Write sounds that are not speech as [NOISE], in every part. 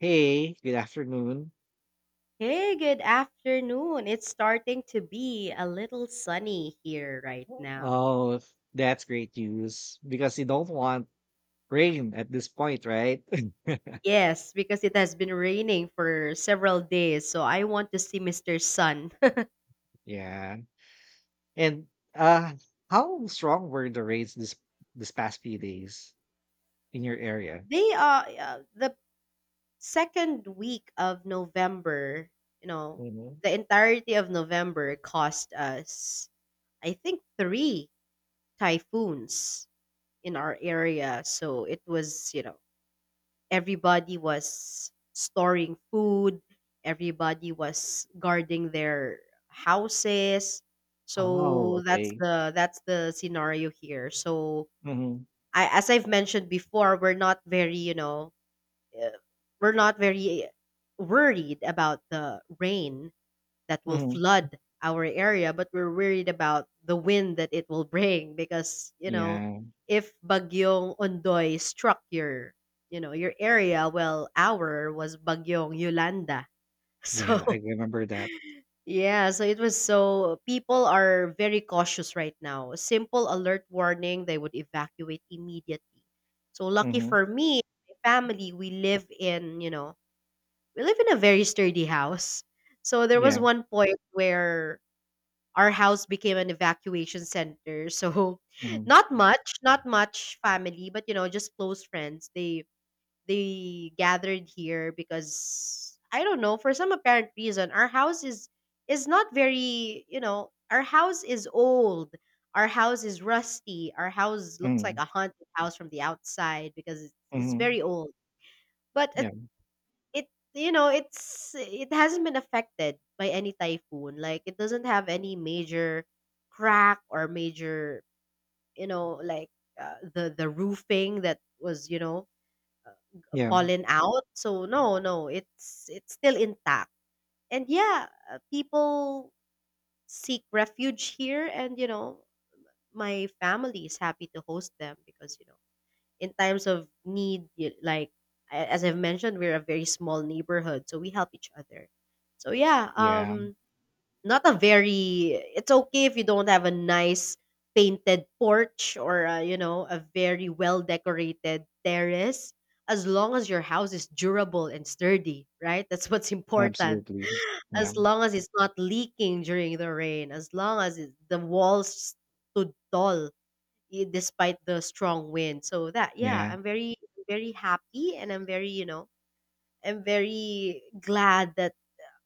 Hey, good afternoon. Hey, good afternoon. It's starting to be a little sunny here right now. Oh, that's great news because you don't want rain at this point, right? [LAUGHS] Yes, because it has been raining for several days, so I want to see Mr. Sun. Yeah. And uh how strong were the rains this past few days in your [LAUGHS] area? They are the second week of November, you know, Hmm. the entirety of November cost us, I think, three typhoons in our area. So it was, everybody was storing food, everybody was guarding their houses. Oh, So that's okay. the that's the scenario here. So Hmm. I as I've mentioned before, we're not uh, very worried about the rain that will Hmm. flood our area, but we're worried about the wind that it will bring because, Yeah. if Bagyong Ondoy struck your, your area, well, our was Bagyong Yolanda. [LAUGHS] So, Yeah, I remember that. yeah, so it was so people are very cautious right now. A simple alert warning, they would evacuate immediately. So lucky Hmm. for me, my family, we live in a very sturdy house. So there was Yeah. one point where our house became an evacuation center. So [LAUGHS] Hmm. not much family, but just close friends. They gathered here because I don't know, for some apparent reason, our house is not very, our house is old. Our house is rusty. Our house looks like a Hmm. haunted house from the outside because it's Hmm. very old. But at Yeah. it you know it's it hasn't been affected by any typhoon, like it doesn't have any major crack or major, you know like the roofing that was, Yeah. fallen out, so no, no, it's still intact. And yeah, people seek refuge here, and my family is happy to host them because, in times of need, like, as I've mentioned, we're a very small neighborhood, so we help each other. So yeah, Yeah. Not a very it's okay if you don't have a nice painted porch or a, you know a very well decorated terrace, as long as your house is durable and sturdy, right? [LAUGHS] That's what's important, Absolutely. as Yeah. long as it's not leaking during the rain, as long as the walls stood tall, despite the strong wind. So that yeah, Yeah. I'm very very happy, and I'm very glad that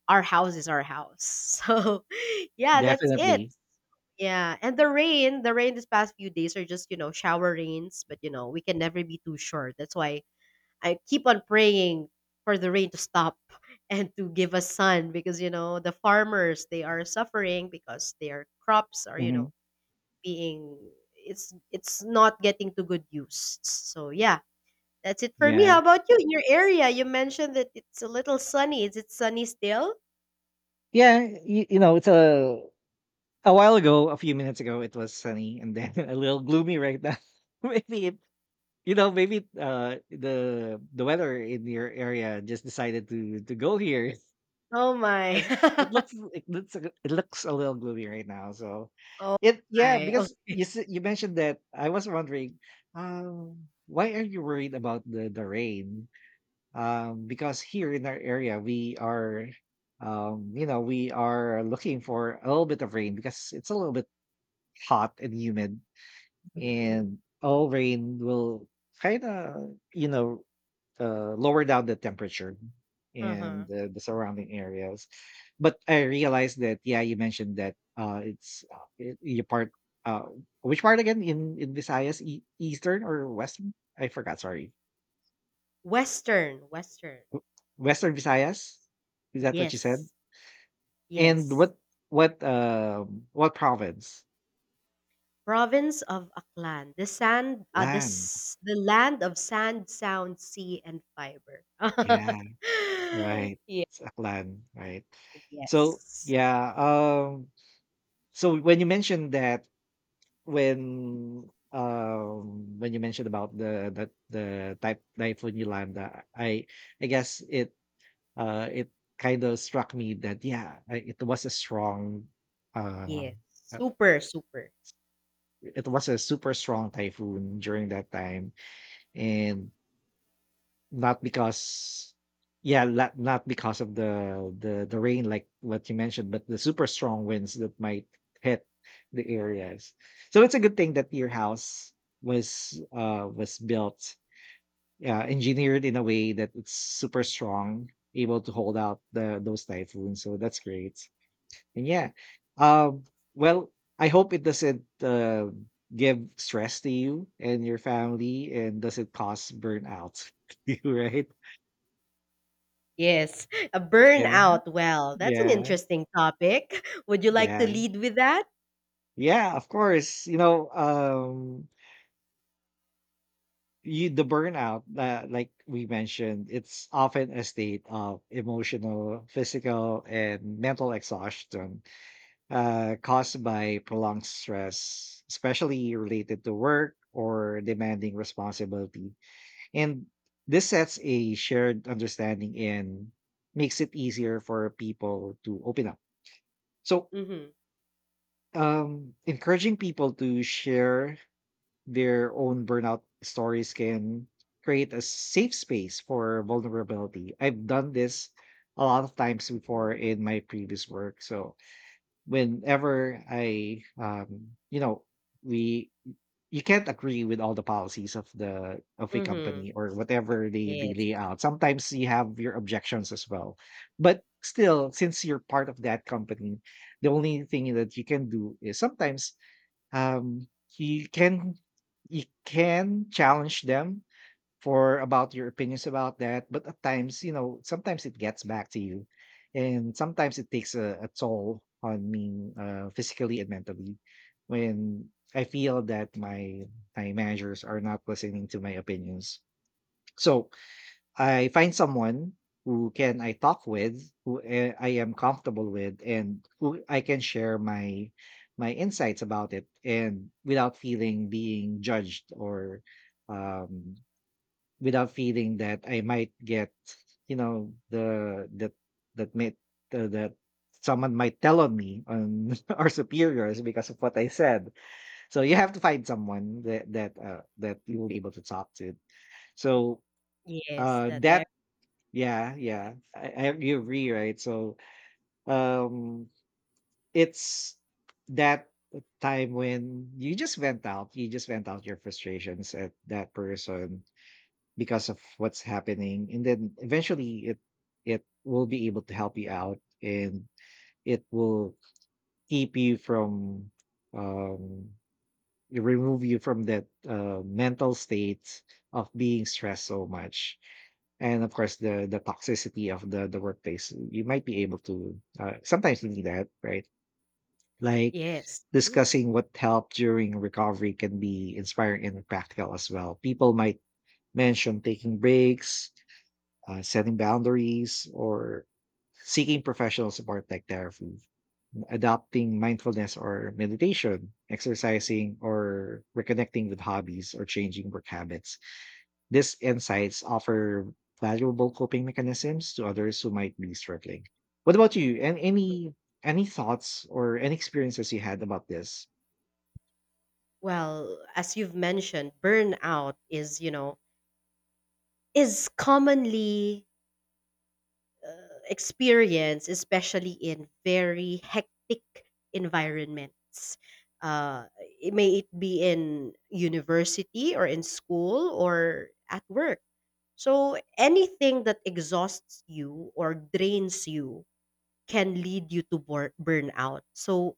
our house is our house. [LAUGHS] So yeah, that's it. Definitely. Yeah, and the rain this past few days are just, shower rains, but we can never be too sure. That's why I keep on praying for the rain to stop [LAUGHS] and to give us sun because, the farmers, they are suffering because their crops are, you Hmm. know, being it's not getting to good use. So yeah, that's it for me. How Yeah. about you in your area? You mentioned that it's a little sunny. Is it sunny still? Yeah, you know, it's a while ago, a few minutes ago, it was sunny and then [LAUGHS] a little gloomy right now. [LAUGHS] Maybe maybe the weather in your area just decided to go here Oh [LAUGHS] my. because it looks [LAUGHS] it looks a little gloomy right now. So Oh it, yeah, my. Oh, because you mentioned that, I was wondering, why are you worried about the rain? Because here in our area we are you know, we are looking for a little bit of rain because it's a little bit hot and humid, and all rain will kind of you know lower down the temperature uh-huh. and the surrounding areas. But I realized that, yeah, you mentioned that your part, uh which part again in Visayas, eastern or western, I forgot, sorry. Western, Western. W- Western Visayas, is that what you said? Yes. And Yes. what, what province? Province of Aklan, the sand, uh, the Aklan. s- the land of sand, sound, sea, and fiber. Yeah, right. [LAUGHS] Yeah. It's Aklan, right. So, Yes. yeah, so when you mentioned that, when you mentioned about the Typhoon Yolanda, I guess it, it kind of struck me that, yeah, it was a strong, uh, Yes. uh, Super, super. it was a super strong typhoon during that time, and Not because yeah, not because of the rain like what you mentioned, but the super strong winds that might hit the areas. So it's a good thing that your house was built, engineered in a way that it's super strong, able to hold out the those typhoons. So that's great. And yeah, um, well, I hope it doesn't give stress to you and your family, and doesn't cause burnout [LAUGHS] to you, right? Yes, a Yeah. burnout. Well, that's an Yeah, interesting topic. [LAUGHS] Would you like to yeah, lead with that? yeah. Of course, you know, you the burnout, that, like we mentioned, it's often a state of emotional, physical, and mental exhaustion, caused by prolonged stress, especially related to work or demanding responsibility. And this sets a shared understanding and makes it easier for people to open up. So Mm-hmm. Encouraging people to share their own burnout stories can create a safe space for vulnerability. I've done this a lot of times before in my previous work. So whenever I, you know, we you can't agree with all the policies of the of a Mm-hmm. company or whatever they Yes. lay out. Sometimes you have your objections as well. But still, since you're part of that company, the only thing that you can do is sometimes, um, you can, you can challenge them for about your opinions about that, but at times, you know, sometimes it gets back to you, and sometimes it takes a toll on me, physically and mentally, when I feel that my managers are not listening to my opinions. So I find someone who can I talk with, who, I am comfortable with, and who I can share my my insights about it, and without feeling being judged, or um, without feeling that I might get, you know, the that that may, the, that someone might tell on me on [LAUGHS] our superiors because of what I said. So you have to find someone that that you will be able to talk to. So Yes, that I that yeah, yeah, I agree, right? So um it's that time when you just vent out, you just vent out your frustrations at that person because of what's happening. And then eventually it will be able to help you out, and it will keep you from um you remove you from that mental state of being stressed so much, and of course the toxicity of the workplace. You might be able to, sometimes you need that, right? Like yes, I do. discussing what helped during recovery can be inspiring and practical as well. People might mention taking breaks, setting boundaries, or seeking professional support like therapy, adopting mindfulness or meditation, exercising, or reconnecting with hobbies, or changing work habits. These insights offer valuable coping mechanisms to others who might be struggling. What about you? And any thoughts or any experiences you had about this? Well, as you've mentioned, burnout is commonly, uh, experienced, especially in very hectic environments. Uh, it may it be in university or in school or at work. So anything that exhausts you or drains you can lead you to burnout. So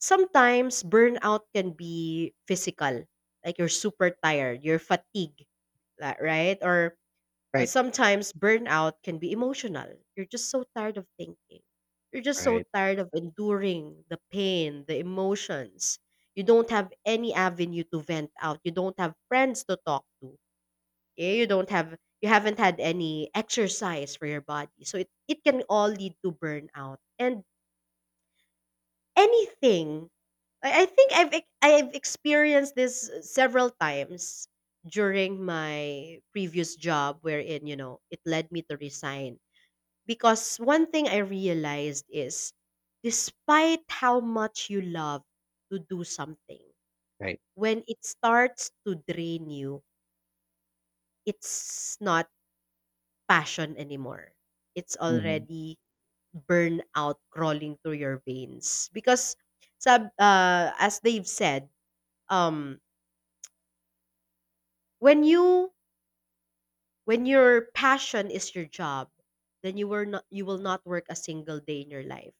sometimes burnout can be physical, like you're super tired, you're fatigued, right? Or Right, sometimes burnout can be emotional. You're just so tired of thinking. You're just so right, tired of enduring the pain, the emotions. You don't have any avenue to vent out. You don't have friends to talk to, yeah, you haven't had any exercise for your body. So it can all lead to burnout. And anything I think I've experienced this several times during my previous job wherein, it led me to resign. Because one thing I realized is, despite how much you love to do something, right. when it starts to drain you, it's not passion anymore. It's Hmm. already burnout crawling through your veins because, sab as they've said, um when you when your passion is your job, then you will not work a single day in your life.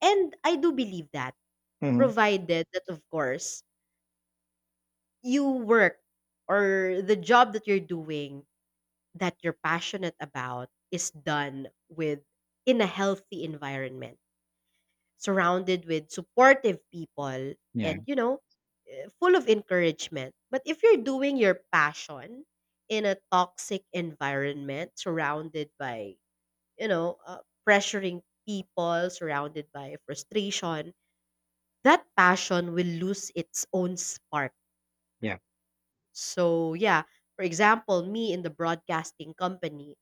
And I do believe that, Hmm. provided that, of course, you work or the job that you're doing, that you're passionate about, is done with in a healthy environment, surrounded with supportive people, Yeah, and full of encouragement. But if you're doing your passion in a toxic environment, surrounded by, you know uh, pressuring people, surrounded by frustration, that passion will lose its own spark. yeah, So yeah, for example, me in the broadcasting company,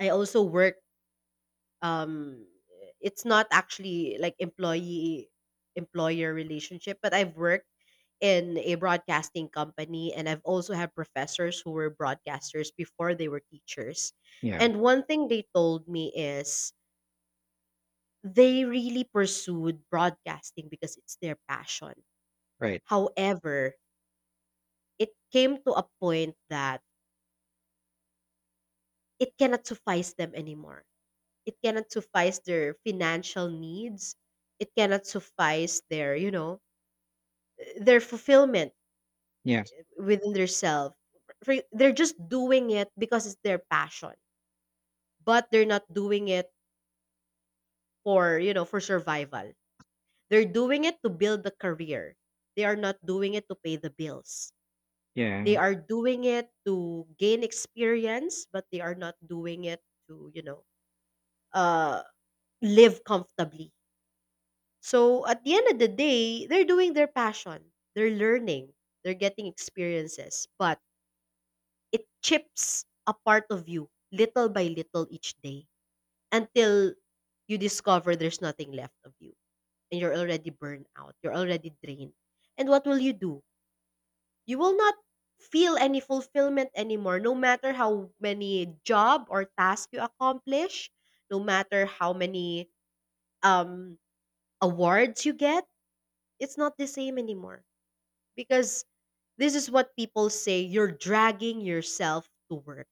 I also work, um it's not actually like employee employer relationship, but I've worked in a broadcasting company, and I've also had professors who were broadcasters before they were teachers. yeah. And one thing they told me is they really pursued broadcasting because it's their passion. Right. However, it came to a point that it cannot suffice them anymore. It cannot suffice their financial needs. It cannot suffice their you know their fulfillment Yeah, within themselves. They're just doing it because it's their passion, but they're not doing it for you know for survival. They're doing it to build a career. They are not doing it to pay the bills. They yeah, are doing it to gain experience, but they are not doing it to, uh live comfortably. So at the end of the day, they're doing their passion. They're learning. They're getting experiences, but it chips a part of you little by little each day until you discover there's nothing left of you, and you're already burned out, you're already drained. And what will you do? You will not feel any fulfillment anymore no matter how many job or task you accomplish, no matter how many, um awards you get. It's not the same anymore because this is what people say: you're dragging yourself to work,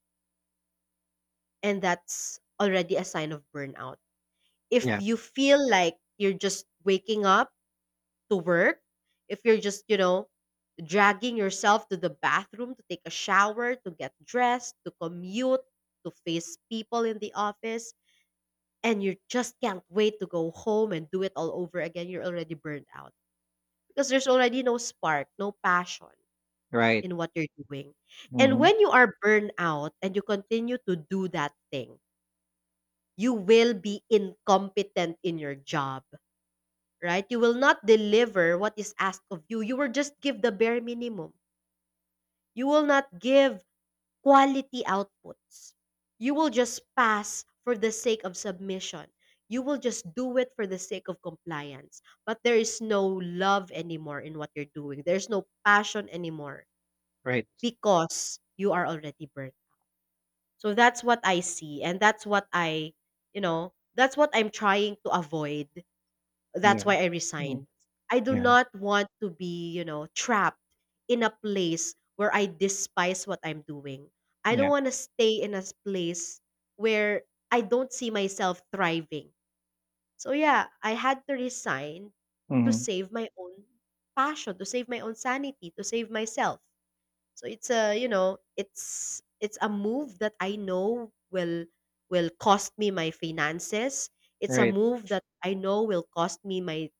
and that's already a sign of burnout. If yeah. you feel like you're just waking up to work, if you're just, you know, dragging yourself to the bathroom to take a shower, to get dressed, to commute, to face people in the office, and you just can't wait to go home and do it all over again, you're already burned out because there's already no spark, no passion Right. in what you're doing. And Hmm. when you are burned out and you continue to do that thing, you will be incompetent in your job, right? You will not deliver what is asked of you. You will just give the bare minimum. You will not give quality outputs. You will just pass for the sake of submission. You will just do it for the sake of compliance. But there is no love anymore in what you're doing. There's no passion anymore Right. because you are already burnt. So that's what I see. And that's what I, you know, that's what I'm trying to avoid. That's Yeah. why I Mm. resigned. I do Yeah. not want to be, you know, trapped in a place where I despise what I'm doing. I don't Yeah. want to stay in a place where I don't see myself thriving. So yeah, I had to resign to Hmm. save my own passion, to save my own sanity, to save myself. So it's a, you know, it's a move that I know will cost me my finances. It's a Right. move that I know will cost me my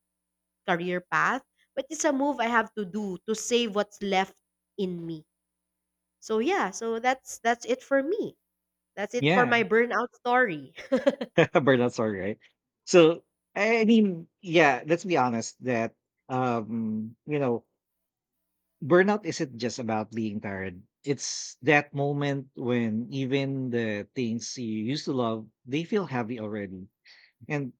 career path, but it's a move I have to do to save what's left in me. So yeah, so that's it for me. That's it for Yeah. my burnout story. [LAUGHS] A burnout sorry, right? So, I mean, yeah, let's be honest that, you know, burnout isn't just about being tired. It's that moment when even the things you used to love, they feel heavy already. And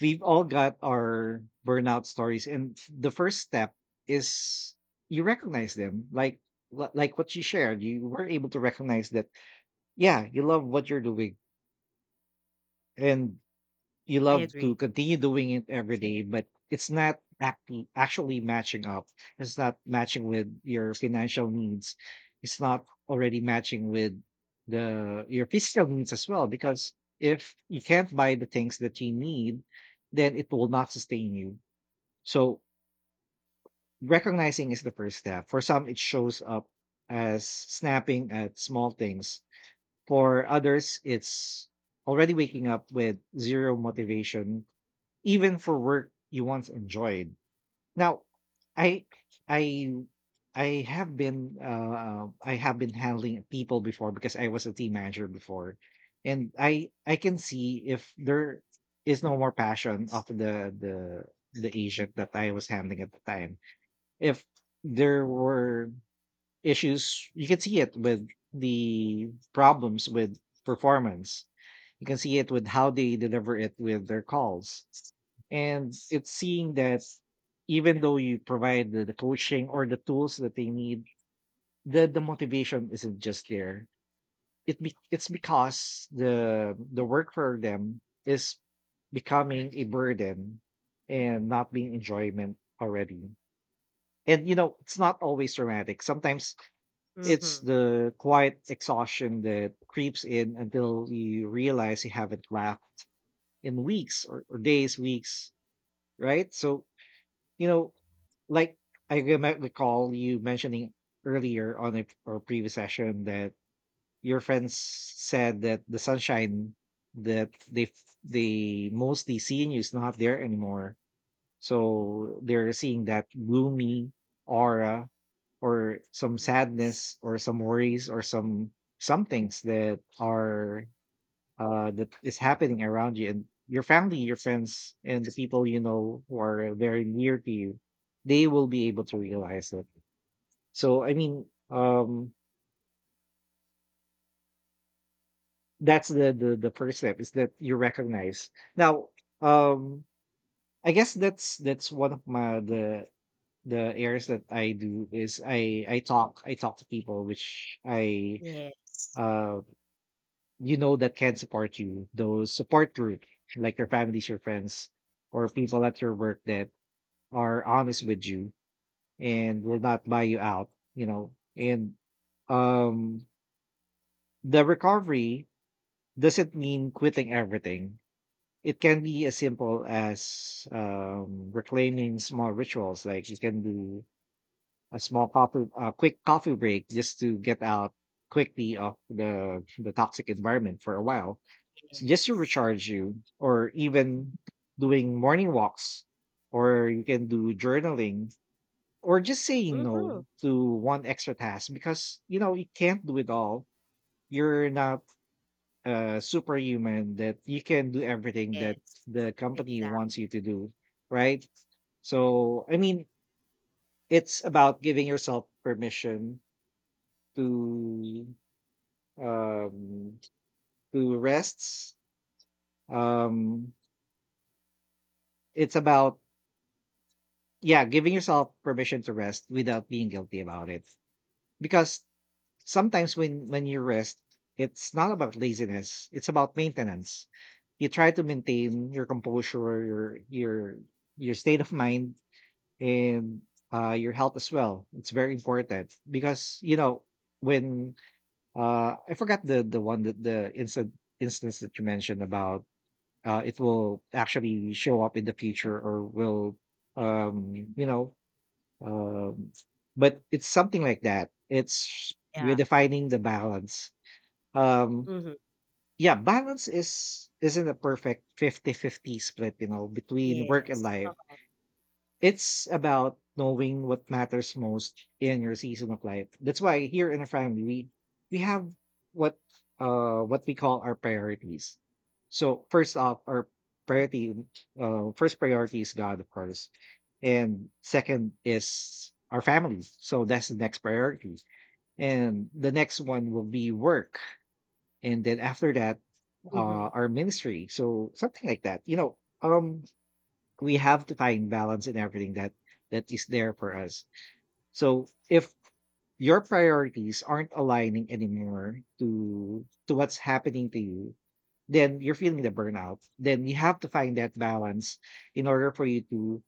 we've all got our burnout stories. And the first step is you recognize them. Like, like what you shared, you were able to recognize that, yeah, you love what you're doing. And you [LAUGHS] I love to agree. continue doing it every day, but it's not actually matching up. It's not matching with your financial needs. It's not already matching with the your physical needs as well. Because if you can't buy the things that you need, then it will not sustain you. So recognizing is the first step. For some, it shows up as snapping at small things. For others, it's already waking up with zero motivation even for work you once enjoyed. Now, I I I have been, I have been handling people before because I was a team manager before, and I can see if there is no more passion of the agent that I was handling at the time. If there were issues, you can see it with the problems with performance, you can see it with how they deliver it with their calls, and it's seeing that even though you provide the coaching or the tools that they need, the motivation isn't just there. It's because the work for them is becoming a burden and not being enjoyment already. And you know, it's not always dramatic. Sometimes it's Mm-hmm. the quiet exhaustion that creeps in until you realize you haven't laughed in weeks, or days, weeks, right? So, you know, like, I recall you mentioning earlier on a or previous session that your friends said that the sunshine that they mostly see in you is not there anymore, so they're seeing that gloomy aura, or some Yes. sadness or some worries or some things that are that is happening around you. And your family, your friends, and the people you know who are very near to you, they will be able to realize it. So I mean, that's the first step is that you recognize. Now, um I guess that's one of my the errands that I do is I talk, I talk to people, which I, Yes. uh you know, that can support you, those support group, like your families, your friends, or people at your work that are honest with you and will not buy you out, you know. And um the recovery doesn't mean quitting everything. It can be as simple as, reclaiming small rituals. Like, you can do a small coffee, a quick coffee break just to get out quickly of the toxic environment for a while, so just to Yes. recharge you, or even doing morning walks, or you can do journaling, or just saying no Mm-hmm. to one extra task, because you know you can't do it all. You're not a superhuman that you can do everything that Yes. the company Exactly. wants you to do, right? So I mean, it's about giving yourself permission to um to rests. Um it's about, yeah, giving yourself permission to rest without being guilty about it. Because sometimes when you rest, it's not about laziness, it's about maintenance. You try to maintain your composure, your your state of [LAUGHS] mind, and your health as well. It's very important. Because you know, when, I forgot the one that the instant instance that you mentioned about, it will actually show up in the future, or will, um you know um but it's something like that. It's Yeah. redefining the balance, um Mm-hmm. yeah. Balance is isn't a perfect fifty-fifty split, you know, between work and Yes. life. It's about knowing what matters most in your season of life. That's why here in our family we have what what we call our priorities. So first off, our priority, first priority is God, of course. And second is our family. So that's the next priority. And the next one will be work. And then after that, Mm-hmm. Our ministry. So something like that. We have to find balance in everything that is there for us. So if your priorities aren't aligning anymore to what's happening to you, then you're feeling the burnout, then you have to find that balance in order for you to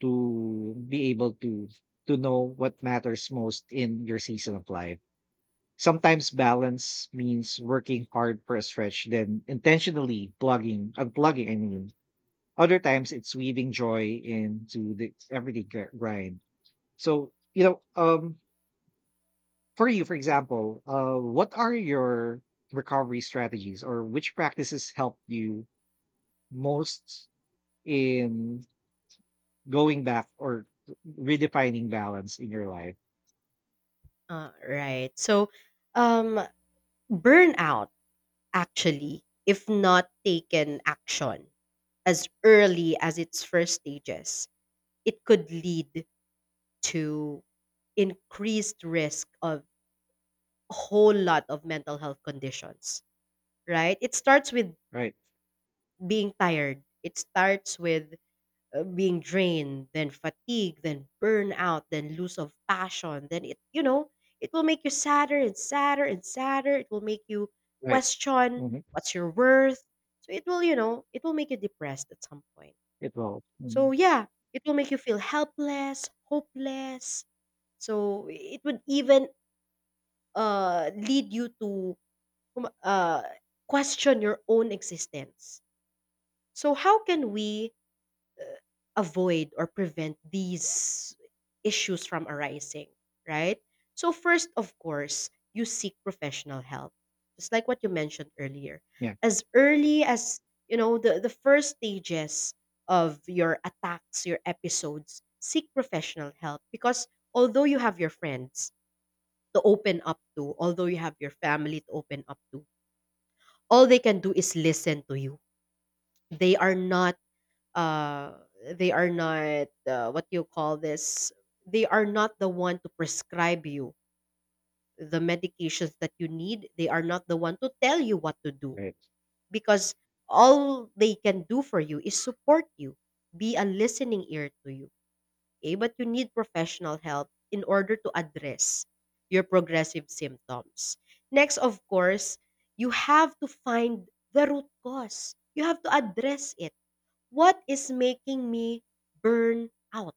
be able to know what matters most in your season of life. Sometimes balance means working hard for a stretch, then intentionally plugging unplugging, I mean, other times it's weaving joy into the everyday grind. So, for you, for example, what are your recovery strategies, or which practices help you most in going back or redefining balance in your life? Right. So, um, burnout, actually, if not taken action as early as its first stages, it could lead to increased risk of a whole lot of mental health conditions, right? It starts with Right. being tired. It starts with, being drained, then fatigue, then burnout, then lose of passion. Then it, you know, it will make you sadder and sadder and sadder. It will make you Right. question Hmm. what's your worth. So it will make you depressed at some point. It will. So Mhm. yeah, it will make you feel helpless, hopeless. So it would even, lead you to, um, uh, question your own existence. So, how can we avoid or prevent these issues from arising, right? So, first, of course, you seek professional help, just like what you mentioned earlier. Yeah. As early as the first stages of your attacks, your episodes, seek professional help because although you have your friends to open up to, although you have your family to open up to, all they can do is listen to you. They are not uh they are not what you call this they are not the one to prescribe you the medications that you need. They are not the one to tell you what to do Right. because all they can do for you is support you, be a listening ear to you, okay, but you need professional help in order to address your progressive symptoms. Next, of course, you have to find the root cause. You have to address it. What is making me burn out?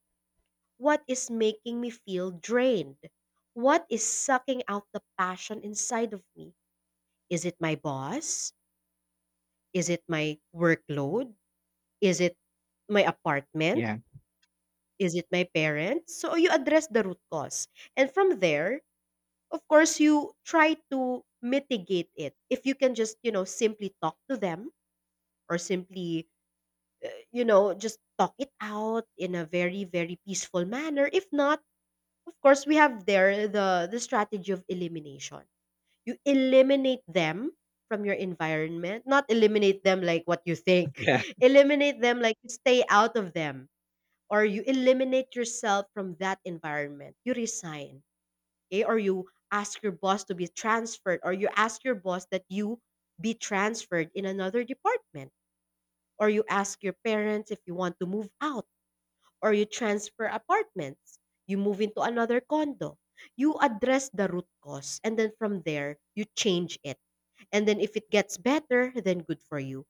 What is making me feel drained? What is sucking out the passion inside of me? Is it my boss? Is it my workload? Is it my apartment? Yeah. Is it my parents? So you address the root cause. And from there, of course, you try to mitigate it. If you can just, you know, simply talk to them or simply, you know, just talk it out in a very, very peaceful manner. If not, of course, we have there the strategy of elimination. You eliminate them from your environment, not eliminate them like what you [LAUGHS] think, Yeah. [LAUGHS] eliminate them like stay out of them or you eliminate yourself from that environment. You resign, okay? Or you ask your boss to be transferred, or you ask your boss that you be transferred in another department, or you ask your parents if you want to move out, or you transfer apartments, you move into another condo. You address the root cause, and then from there, you change it. And then if it gets better, then good for you.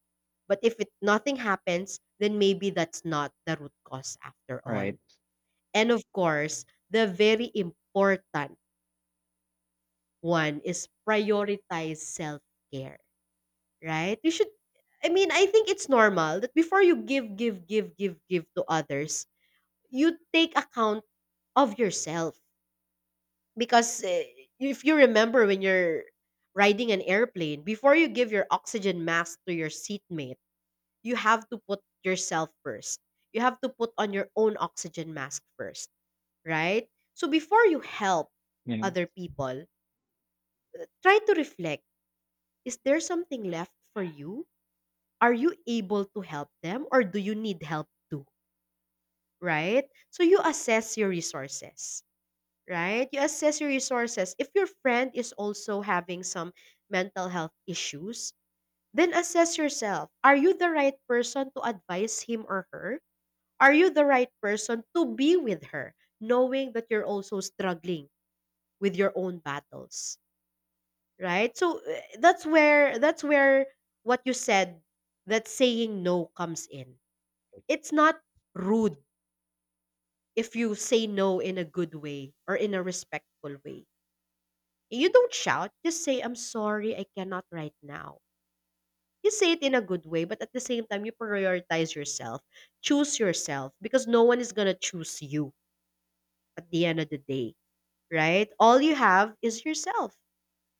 But if it nothing happens, then maybe that's not the root cause after all. Right. And of course, the very important one is prioritize self care, right? You should, I mean, I think it's normal that before you give, give, give, give, give to others, you take account of yourself. Because if you remember when you're riding an airplane, before you give your oxygen mask to your seatmate, you have to put yourself first. You have to put on your own oxygen mask first, right? So before you help Yeah. other people, try to reflect, is there something left for you? Are you able to help them or do you need help too, right? So you assess your resources, right? You assess your resources. If your friend is also having some mental health issues, then assess yourself. Are you the right person to advise him or her? Are you the right person to be with her, knowing that you're also struggling with your own battles? Right. So that's where what you said, that saying no comes in. It's not rude if you say no in a good way or in a respectful way. You don't shout, just say I'm sorry I cannot right now. You say it in a good way but at the same time you prioritize yourself. Choose yourself because no one is going to choose you at the end of the day. Right, all you have is yourself.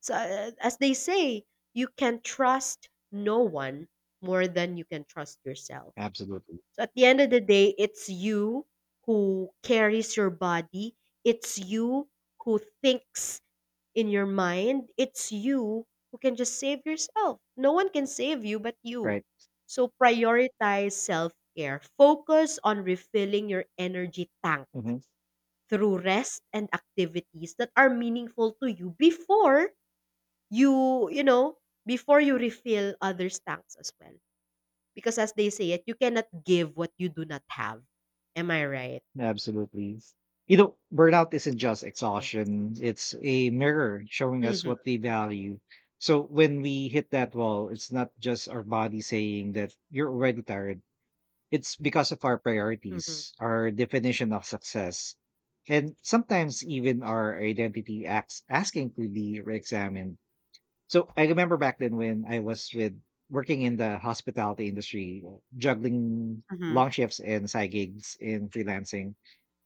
So, as they say, you can trust no one more than you can trust yourself. Absolutely. So, at the end of the day, it's you who carries your body, it's you who thinks in your mind, it's you who can just save yourself. No one can save you but you. Right. So, prioritize self care, focus on refilling your energy tank Mhm. through rest and activities that are meaningful to you before you you know before you refill others tanks as well, because as they say it, you cannot give what you do not have. Am I right? Absolutely. You know, burnout isn't just Yes. exhaustion, it's a mirror showing us Mhm. what we value. So when we hit that wall, it's not just our body saying that you're already tired, it's because of our Mhm. priorities, our definition of success, and sometimes even our identity acts asking to be re examined. So I remember back then when I was with working in the hospitality industry, juggling Mhm. long shifts and side gigs and freelancing.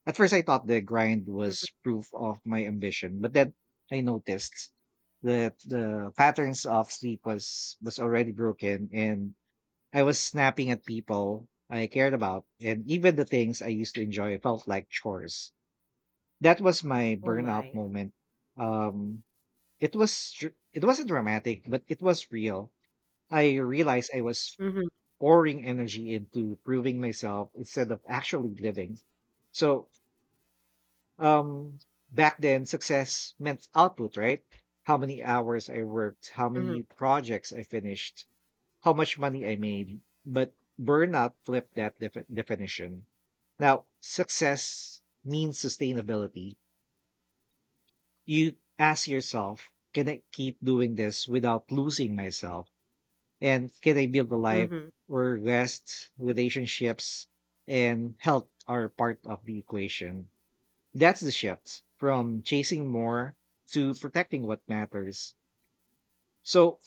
At first, I thought the grind was Mhm. proof of my ambition, but then I noticed that the patterns of sleep was already broken, and I was snapping at people I cared about, and even the things I used to enjoy felt like chores. That was my Oh burnout my. moment. Um, it was it wasn't dramatic, but it was real. I realized I was Mhm. pouring energy into proving myself instead of actually living. So um, back then, success meant output, right? How many hours I worked, how Mhm. many projects I finished, how much money I made. But burnout flipped that definition. Now, success means sustainability. You ask yourself, can I keep doing this without losing myself? And can I build a life Mhm. where rest, relationships, and health are part of the equation? That's the shift from chasing more to protecting what matters. So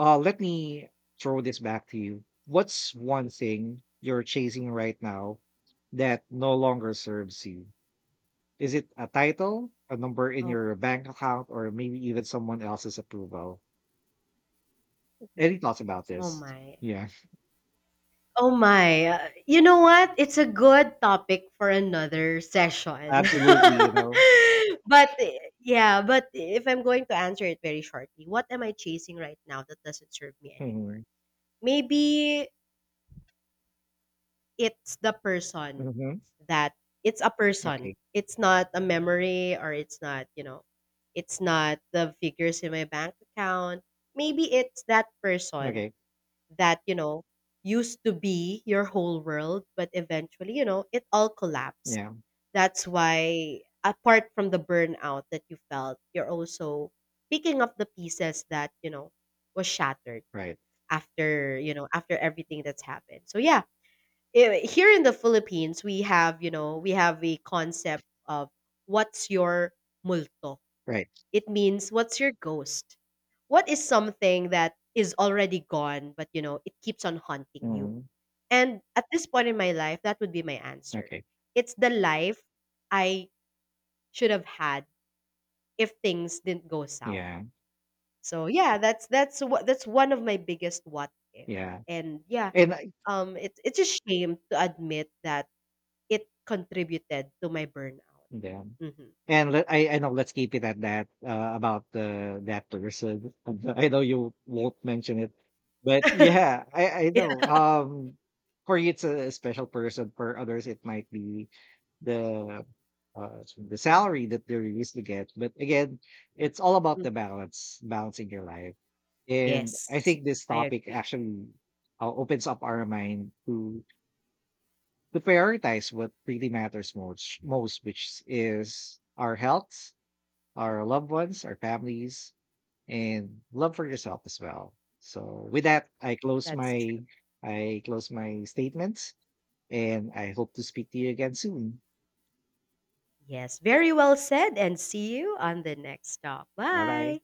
let me throw this back to you. What's one thing you're chasing right now that no longer serves you? Is it a title, a number in Oh. your bank account, or maybe even someone else's approval? Any thoughts about Oh this? my. Yeah, Oh my. You know what, it's a good topic for another session. absolutely. You know. [LAUGHS] But yeah, but if I'm going to answer it very shortly, what am I chasing right now that doesn't serve me anymore? Hmm. Maybe it's the person Hmm. that— it's a person. Okay. It's not a memory or it's not, you know, it's not the figures in my bank account. Maybe it's that person Okay. that, you know, used to be your whole world, but eventually, you know, it all collapsed. Yeah. That's why, apart from the burnout that you felt, you're also picking up the pieces that, you know, was shattered Right. after, you know, after everything that's happened. So, yeah, here in the Philippines, we have, you know, we have a concept of what's your multo. Right. It means what's your ghost. What is something that is already gone, but you know, it keeps on haunting you. Hmm. And at this point in my life, that would be my answer. Okay. It's the life I should have had if things didn't go south. Yeah. So yeah, that's one of my biggest what if. Yeah. And yeah, And I, it's a shame to admit that it contributed to my burnout. yeah. Mhm. And I know, let's keep it at that, about the that person. [LAUGHS] I know you won't mention it, but yeah, I know. [LAUGHS] For you it's a special person. For others, it might be the uh, the salary that they're used to get. But again, it's all about the balance, balancing your life. And I Yes, think this I topic agree. actually opens up our mind to prioritize what really matters most, which is our health, our loved ones, our families, and love for yourself as well. So with that, That's true. I close my statements, and I hope to speak to you again soon. Yes, very well said, and see you on the next stop. Bye bye. Bye.